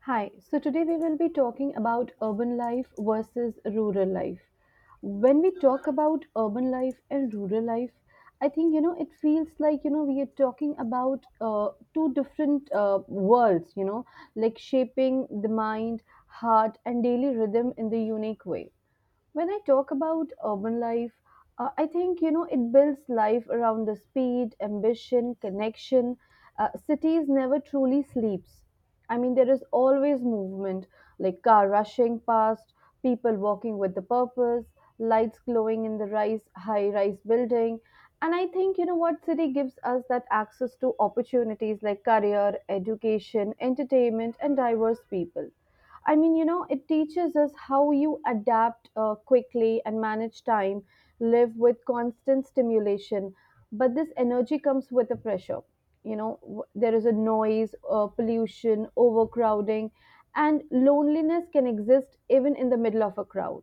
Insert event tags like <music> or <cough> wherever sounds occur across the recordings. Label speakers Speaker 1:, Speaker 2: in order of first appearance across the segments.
Speaker 1: Hi, so today we will be talking about urban life versus rural life. When we talk about urban life and rural life, I think you know it feels like you know we are talking about two different worlds, you know, like shaping the mind, heart, and daily rhythm in the unique way when I talk about urban life, I think you know it builds life around the speed, ambition, connection. Cities never truly sleeps. I mean, there is always movement, like car rushing past, people walking with the purpose, lights glowing in the rise high-rise building, and I think you know what city gives us that access to opportunities like career, education, entertainment, and diverse people. I mean, you know, it teaches us how you adapt quickly and manage time, live with constant stimulation. But this energy comes with a pressure. You know, there is a noise, pollution, overcrowding, and loneliness can exist even in the middle of a crowd.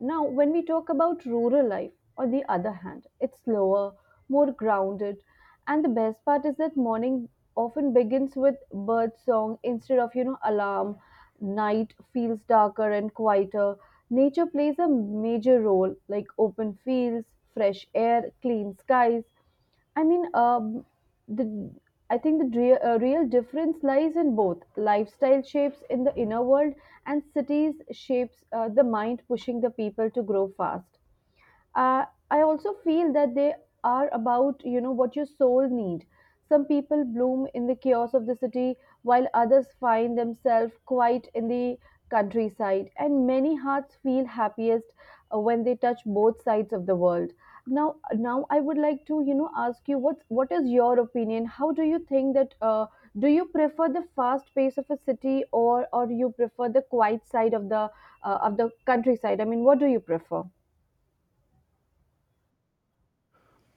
Speaker 1: Now, when we talk about rural life, on the other hand, it's slower, more grounded, and the best part is that morning often begins with bird song instead of you know alarms night feels darker and quieter. Nature plays a major role, like open fields, fresh air, clean skies. I mean, the I think the real difference lies in both lifestyle shapes in the inner world and cities shapes the mind, pushing the people to grow fast uh, I also feel that they are about you know what your soul need some people bloom in the chaos of the city while others find themselves quiet in the countryside and many hearts feel happiest when they touch both sides of the world now I would like to you know ask you what is your opinion how do you think that do you prefer the fast pace of a city or you prefer the quiet side of the countryside I mean what do you prefer.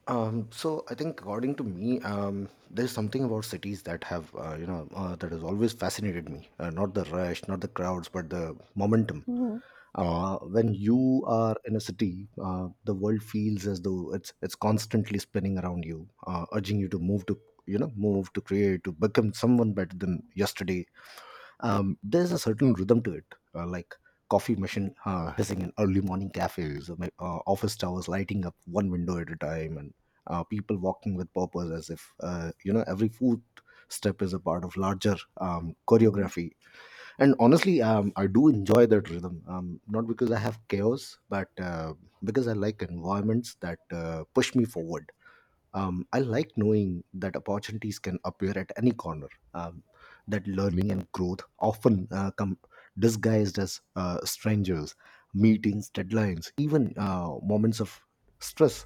Speaker 2: So I think according to me, there's something about cities that have, that has always fascinated me. Not the rush, not the crowds, but the momentum.
Speaker 1: Mhm.
Speaker 2: When you are in a city, the world feels as though it's constantly spinning around you, urging you to move to create, to become someone better than yesterday. Um, there's a certain rhythm to it, like coffee machine hissing in early morning cafes, office towers lighting up one window at a time, and people walking with purpose as if every foot step is a part of larger
Speaker 1: Mm.
Speaker 2: choreography. And honestly, I do enjoy that rhythm, not because I have chaos, but because I like environments that push me forward. Um, I like knowing that opportunities can appear at any corner. That learning and growth often come disguised as strangers, meetings, deadlines, even moments of stress.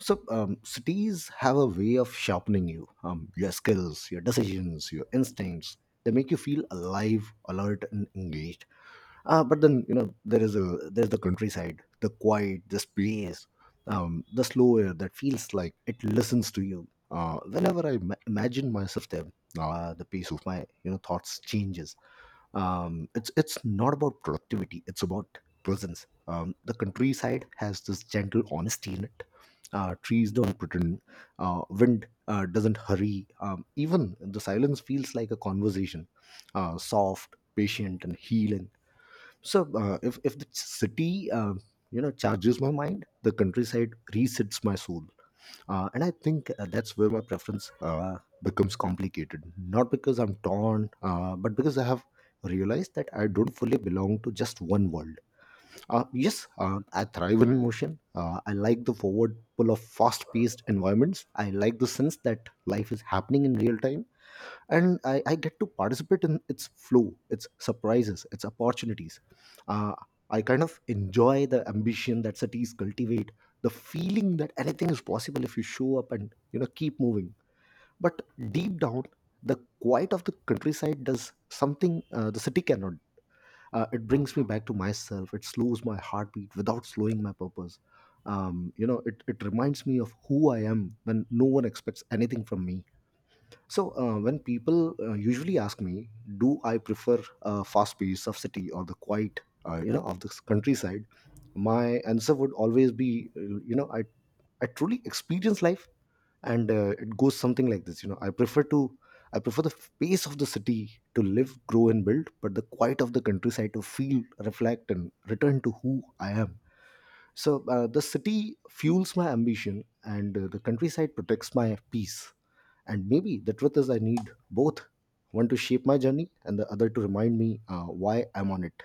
Speaker 2: So cities have a way of sharpening you, your skills, your decisions, your instincts. They make you feel alive, alert, and engaged. Uh, but then there is a there's the countryside, the quiet, the space, the slow air that feels like it listens to you whenever I imagine myself there. Uh, the pace of my thoughts changes. Um, It's not about productivity, it's about presence. Um, the countryside has this gentle honesty in it. Uh, trees don't pretend, wind doesn't hurry, even the silence feels like a conversation, soft, patient, and healing. So if the city charges my mind, the countryside resets my soul, and I think that's where my preference becomes complicated. Not because I'm torn, but because I have realized that I don't fully belong to just one world. Yes, I thrive in motion. I like the forward pull of fast-paced environments. I like the sense that life is happening in real time, and I get to participate in its flow, its surprises, its opportunities. Uh, I kind of enjoy the ambition that cities cultivate, the feeling that anything is possible if you show up and keep moving. But deep down, the quiet of the countryside does something the city cannot. It brings me back to myself. It slows my heartbeat without slowing my purpose. It reminds me of who I am when no one expects anything from me. So when people usually ask me, do I prefer fast pace of city or the quiet you know, of the countryside? My answer would always be, I truly experience life, and it goes something like this. I prefer to I prefer the pace of the city to live, grow, and build, but the quiet of the countryside to feel, reflect, and return to who I am. So the city fuels my ambition, and the countryside protects my peace, and maybe the truth is, I need both, one to shape my journey and the other to remind me why I'm on it.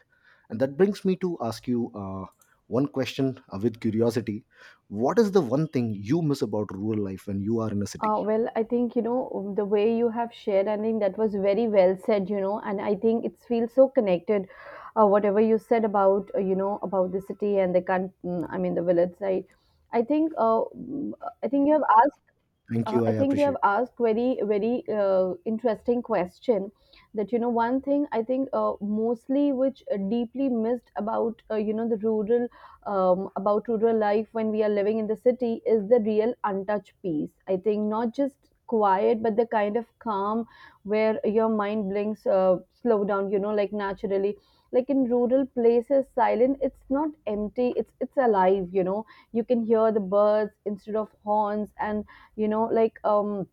Speaker 2: And that brings me to ask you one question with curiosity. What is the one thing you miss about rural life when you are in a city?
Speaker 1: Well, I think, you know, the way you have shared, I think that was very well said, you know, and I think it feels so connected, whatever you said about, you know, about the city and the, I mean, the village side. I think, I think you have asked
Speaker 2: Thank you. I
Speaker 1: I think you have
Speaker 2: appreciate
Speaker 1: asked very interesting question. That you know one thing I think mostly which deeply missed about you know the rural about rural life when we are living in the city is the real untouched peace. I think not just quiet but the kind of calm where your mind blinks slow down you know like naturally like in rural places silent it's not empty it's alive you know you can hear the birds instead of horns and you know like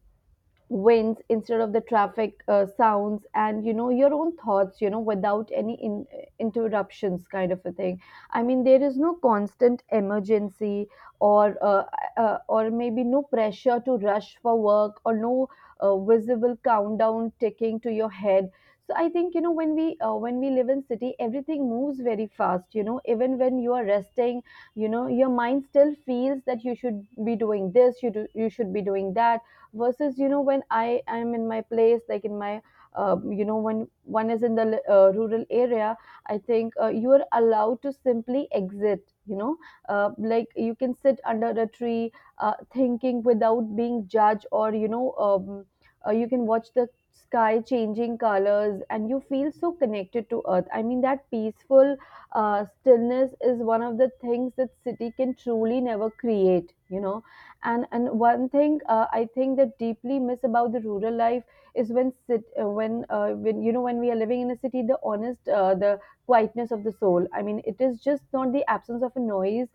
Speaker 1: winds instead of the traffic sounds and you know your own thoughts you know without any interruptions kind of a thing I mean there is no constant emergency or uh, or maybe no pressure to rush for work or no visible countdown ticking to your head so I think you know when we live in city everything moves very fast you know even when you are resting you know your mind still feels that you should be doing this you do, you should be doing that versus you know when I am in my place like in my you know when one is in the rural area I think you are allowed to simply exit you know like you can sit under a tree thinking without being judged or you know you can watch the sky changing colors and you feel so connected to earth I mean that peaceful stillness is one of the things that city can truly never create you know and one thing I think that deeply miss about the rural life is when you know when we are living in a city the honest the quietness of the soul I mean it is just not the absence of a noise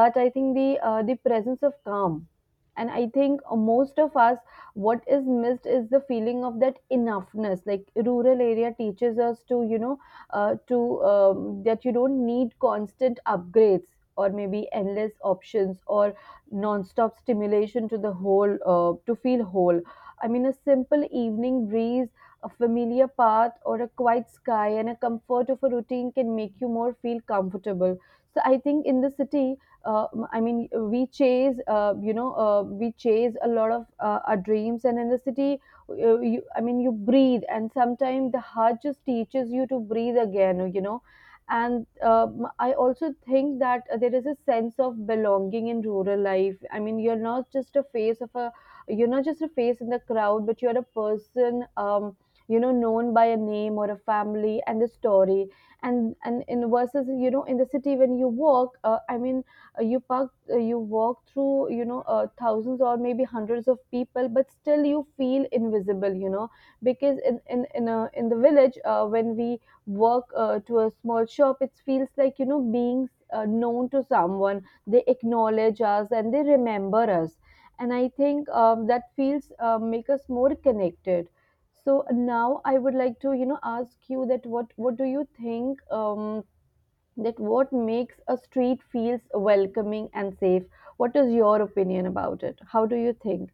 Speaker 1: but I think the presence of calm and I think most of us what is missed is the feeling of that enoughness like rural area teaches us to you know to that you don't need constant upgrades or maybe endless options or nonstop stimulation to the whole to feel whole. I mean, a simple evening breeze, a familiar path, or a quiet sky, and a comfort of a routine can make you more feel comfortable. So I think in the city, uh, I mean, we chase, you know, we chase a lot of our dreams, and in the city, you, I mean, you breathe, and sometimes the heart just teaches you to breathe again. You know, and I also think that there is a sense of belonging in rural life I mean you're not just a face in the crowd but you're a person you know known by a name or a family and a story and in versus you know in the city when you walk I mean you walk through you know thousands or maybe hundreds of people but still you feel invisible you know because in the village when we work to a small shop it feels like you know being known to someone they acknowledge us and they remember us and I think that feels make us more connected so now I would like to you know ask you that what do you think that what makes a street feels welcoming and safe what is your opinion about it how do you think.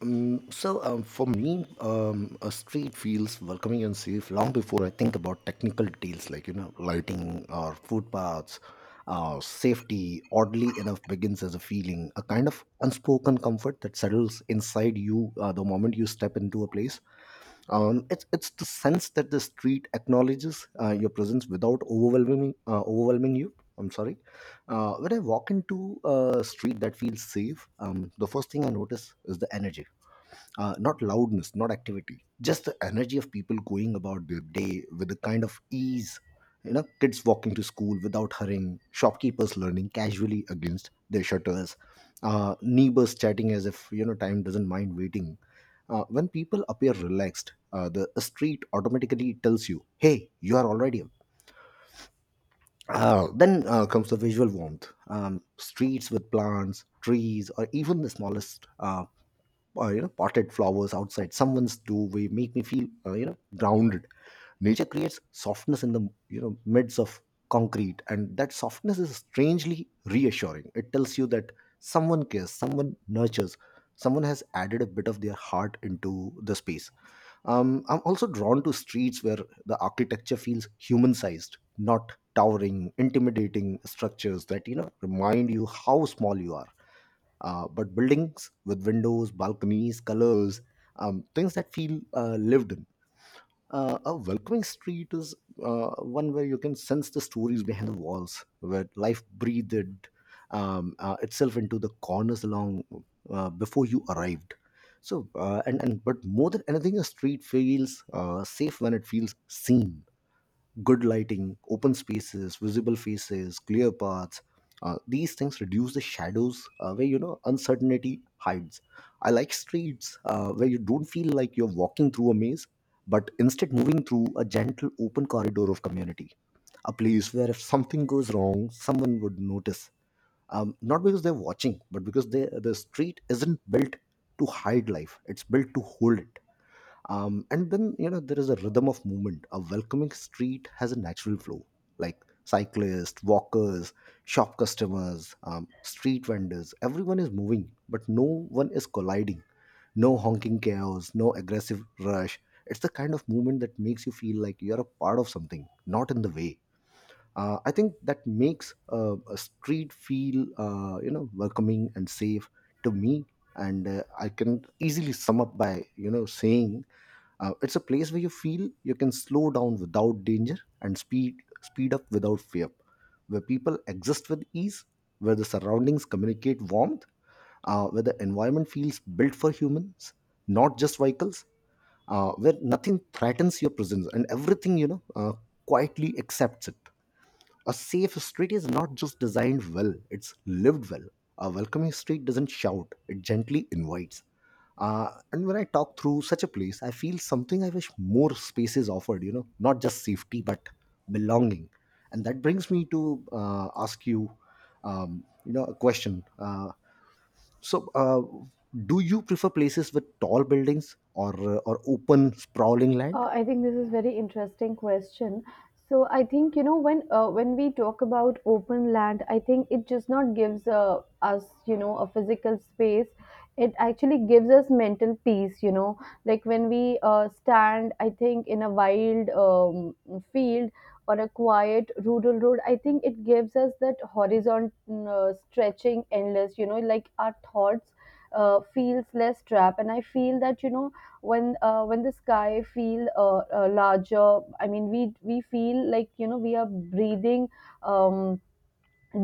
Speaker 2: For me, a street feels welcoming and safe long before I think about technical details like lighting or footpaths. Safety, oddly enough, begins as a feeling, a kind of unspoken comfort that settles inside you the moment you step into a place. It's the sense that the street acknowledges your presence without overwhelming you. I'm sorry. When I walk into a street that feels safe, the first thing I notice is the energy, not loudness, not activity, just the energy of people going about their day with a kind of ease. You know, kids walking to school without hurrying, shopkeepers learning casually against their shutters, neighbors chatting as if time doesn't mind waiting. When people appear relaxed, the street automatically tells you, "Hey, you are already up." Then comes the visual warmth. Streets with plants, trees, or even the smallest potted flowers outside someone's doorway make me feel grounded. Nature creates softness in the midst of concrete, and that softness is strangely reassuring. It tells you that someone cares, someone nurtures, someone has added a bit of their heart into the space. Um, I'm also drawn to streets where the architecture feels human sized, not towering intimidating structures that remind you how small you are, but buildings with windows, balconies, colors, things that feel lived in. A welcoming street is one where you can sense the stories behind the walls, where life breathed itself into the corners along before you arrived. So, and but more than anything, a street feels safe when it feels seen, good lighting, open spaces, visible faces, clear paths. These things reduce the shadows where uncertainty hides. I like streets where you don't feel like you're walking through a maze, but instead moving through a gentle open corridor of community. A place where if something goes wrong, someone would notice. Not because they're watching, but because the street isn't built to hide life; it's built to hold it. Um, and then there is a rhythm of movement. A welcoming street has a natural flow, like cyclists, walkers, shop customers, street vendors, everyone is moving but no one is colliding, no honking chaos, no aggressive rush. It's the kind of movement that makes you feel like you're a part of something, not in the way. Uh, I think that makes a street feel welcoming and safe to me. And I can easily sum up by saying, it's a place where you feel you can slow down without danger and speed up without fear, where people exist with ease, where the surroundings communicate warmth, where the environment feels built for humans, not just vehicles, where nothing threatens your presence and everything quietly accepts it. A safe street is not just designed well, it's lived well. A welcoming street doesn't shout, it gently invites. And when I talk through such a place, I feel something I wish more spaces offered, not just safety, but belonging. And that brings me to ask you you know, a question. So, do you prefer places with tall buildings or or open, sprawling land?
Speaker 1: I think this is very interesting question. So I think you know when we talk about open land, I think it just not gives us you know a physical space. It actually gives us mental peace. You know, like when we stand, I think in a wild field or a quiet rural road, I think it gives us that horizon stretching endless. You know, like our thoughts feels less trapped, and I feel that you know when the sky feel larger I mean we feel like you know we are breathing um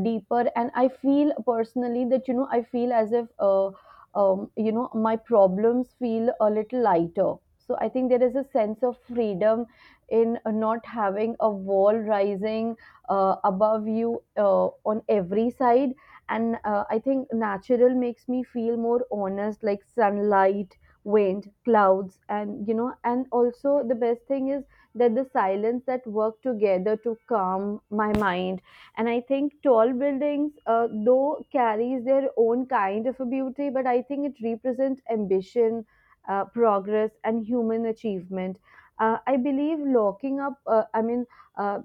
Speaker 1: deeper and I feel personally that you know I feel as if you know my problems feel a little lighter so I think there is a sense of freedom in not having a wall rising above you on every side and I think natural makes me feel more honest like sunlight wind clouds and you know and also the best thing is that the silence that work together to calm my mind and I think tall buildings though carries their own kind of a beauty but I think it represents ambition progress and human achievement I believe looking up uh,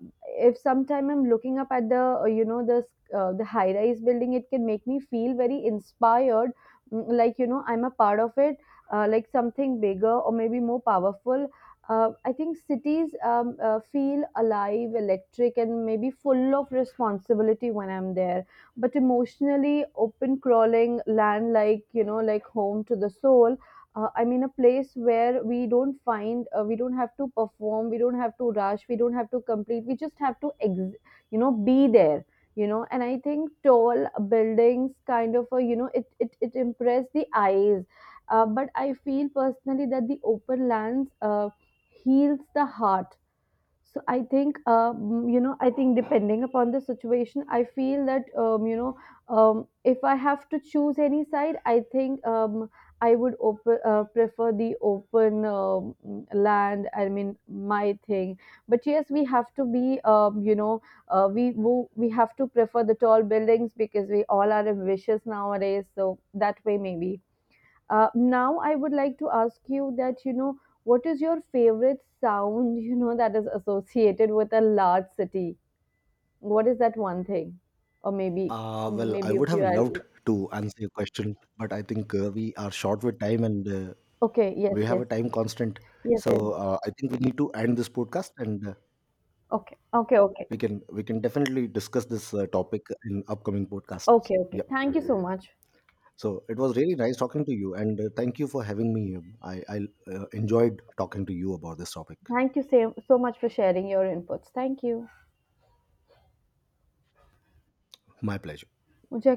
Speaker 1: if sometime I'm looking up at the you know the high rise building it can make me feel very inspired mm, like you know I'm a part of it like something bigger or maybe more powerful I think cities feel alive, electric, and maybe full of responsibility when I'm there. But emotionally, open crawling land like you know, like home to the soul. I mean, a place where we don't have to perform, we don't have to rush, we don't have to complete. We just have to, you know, be there. You know, and I think tall buildings kind of a, you know, it impress the eyes. But I feel personally that the open lands. Heals the heart so I think you know I think depending upon the situation I feel that you know if I have to choose any side I think I would prefer the open land I mean my thing but yes we have to be you know we have to prefer the tall buildings because we all are ambitious nowadays so that way maybe now I would like to ask you that you know what is your favorite sound <laughs> you know that is associated with a large city? What is that one thing? Or maybe
Speaker 2: Well, I
Speaker 1: maybe
Speaker 2: would
Speaker 1: if
Speaker 2: have
Speaker 1: you are
Speaker 2: loved to answer your question, but I think we are short with time and
Speaker 1: okay, yes,
Speaker 2: we have
Speaker 1: yes,
Speaker 2: a time constant.
Speaker 1: yes, yes.
Speaker 2: So I think we need to end this podcast, and
Speaker 1: Okay, okay, okay,
Speaker 2: we can definitely discuss this topic in upcoming podcasts.
Speaker 1: okay, okay.
Speaker 2: Yeah.
Speaker 1: Thank you so much.
Speaker 2: So it was really nice talking to you, and thank you for having me. I enjoyed talking to you about this topic.
Speaker 1: Thank you so much for sharing your inputs. Thank you.
Speaker 2: My pleasure.
Speaker 1: मुझे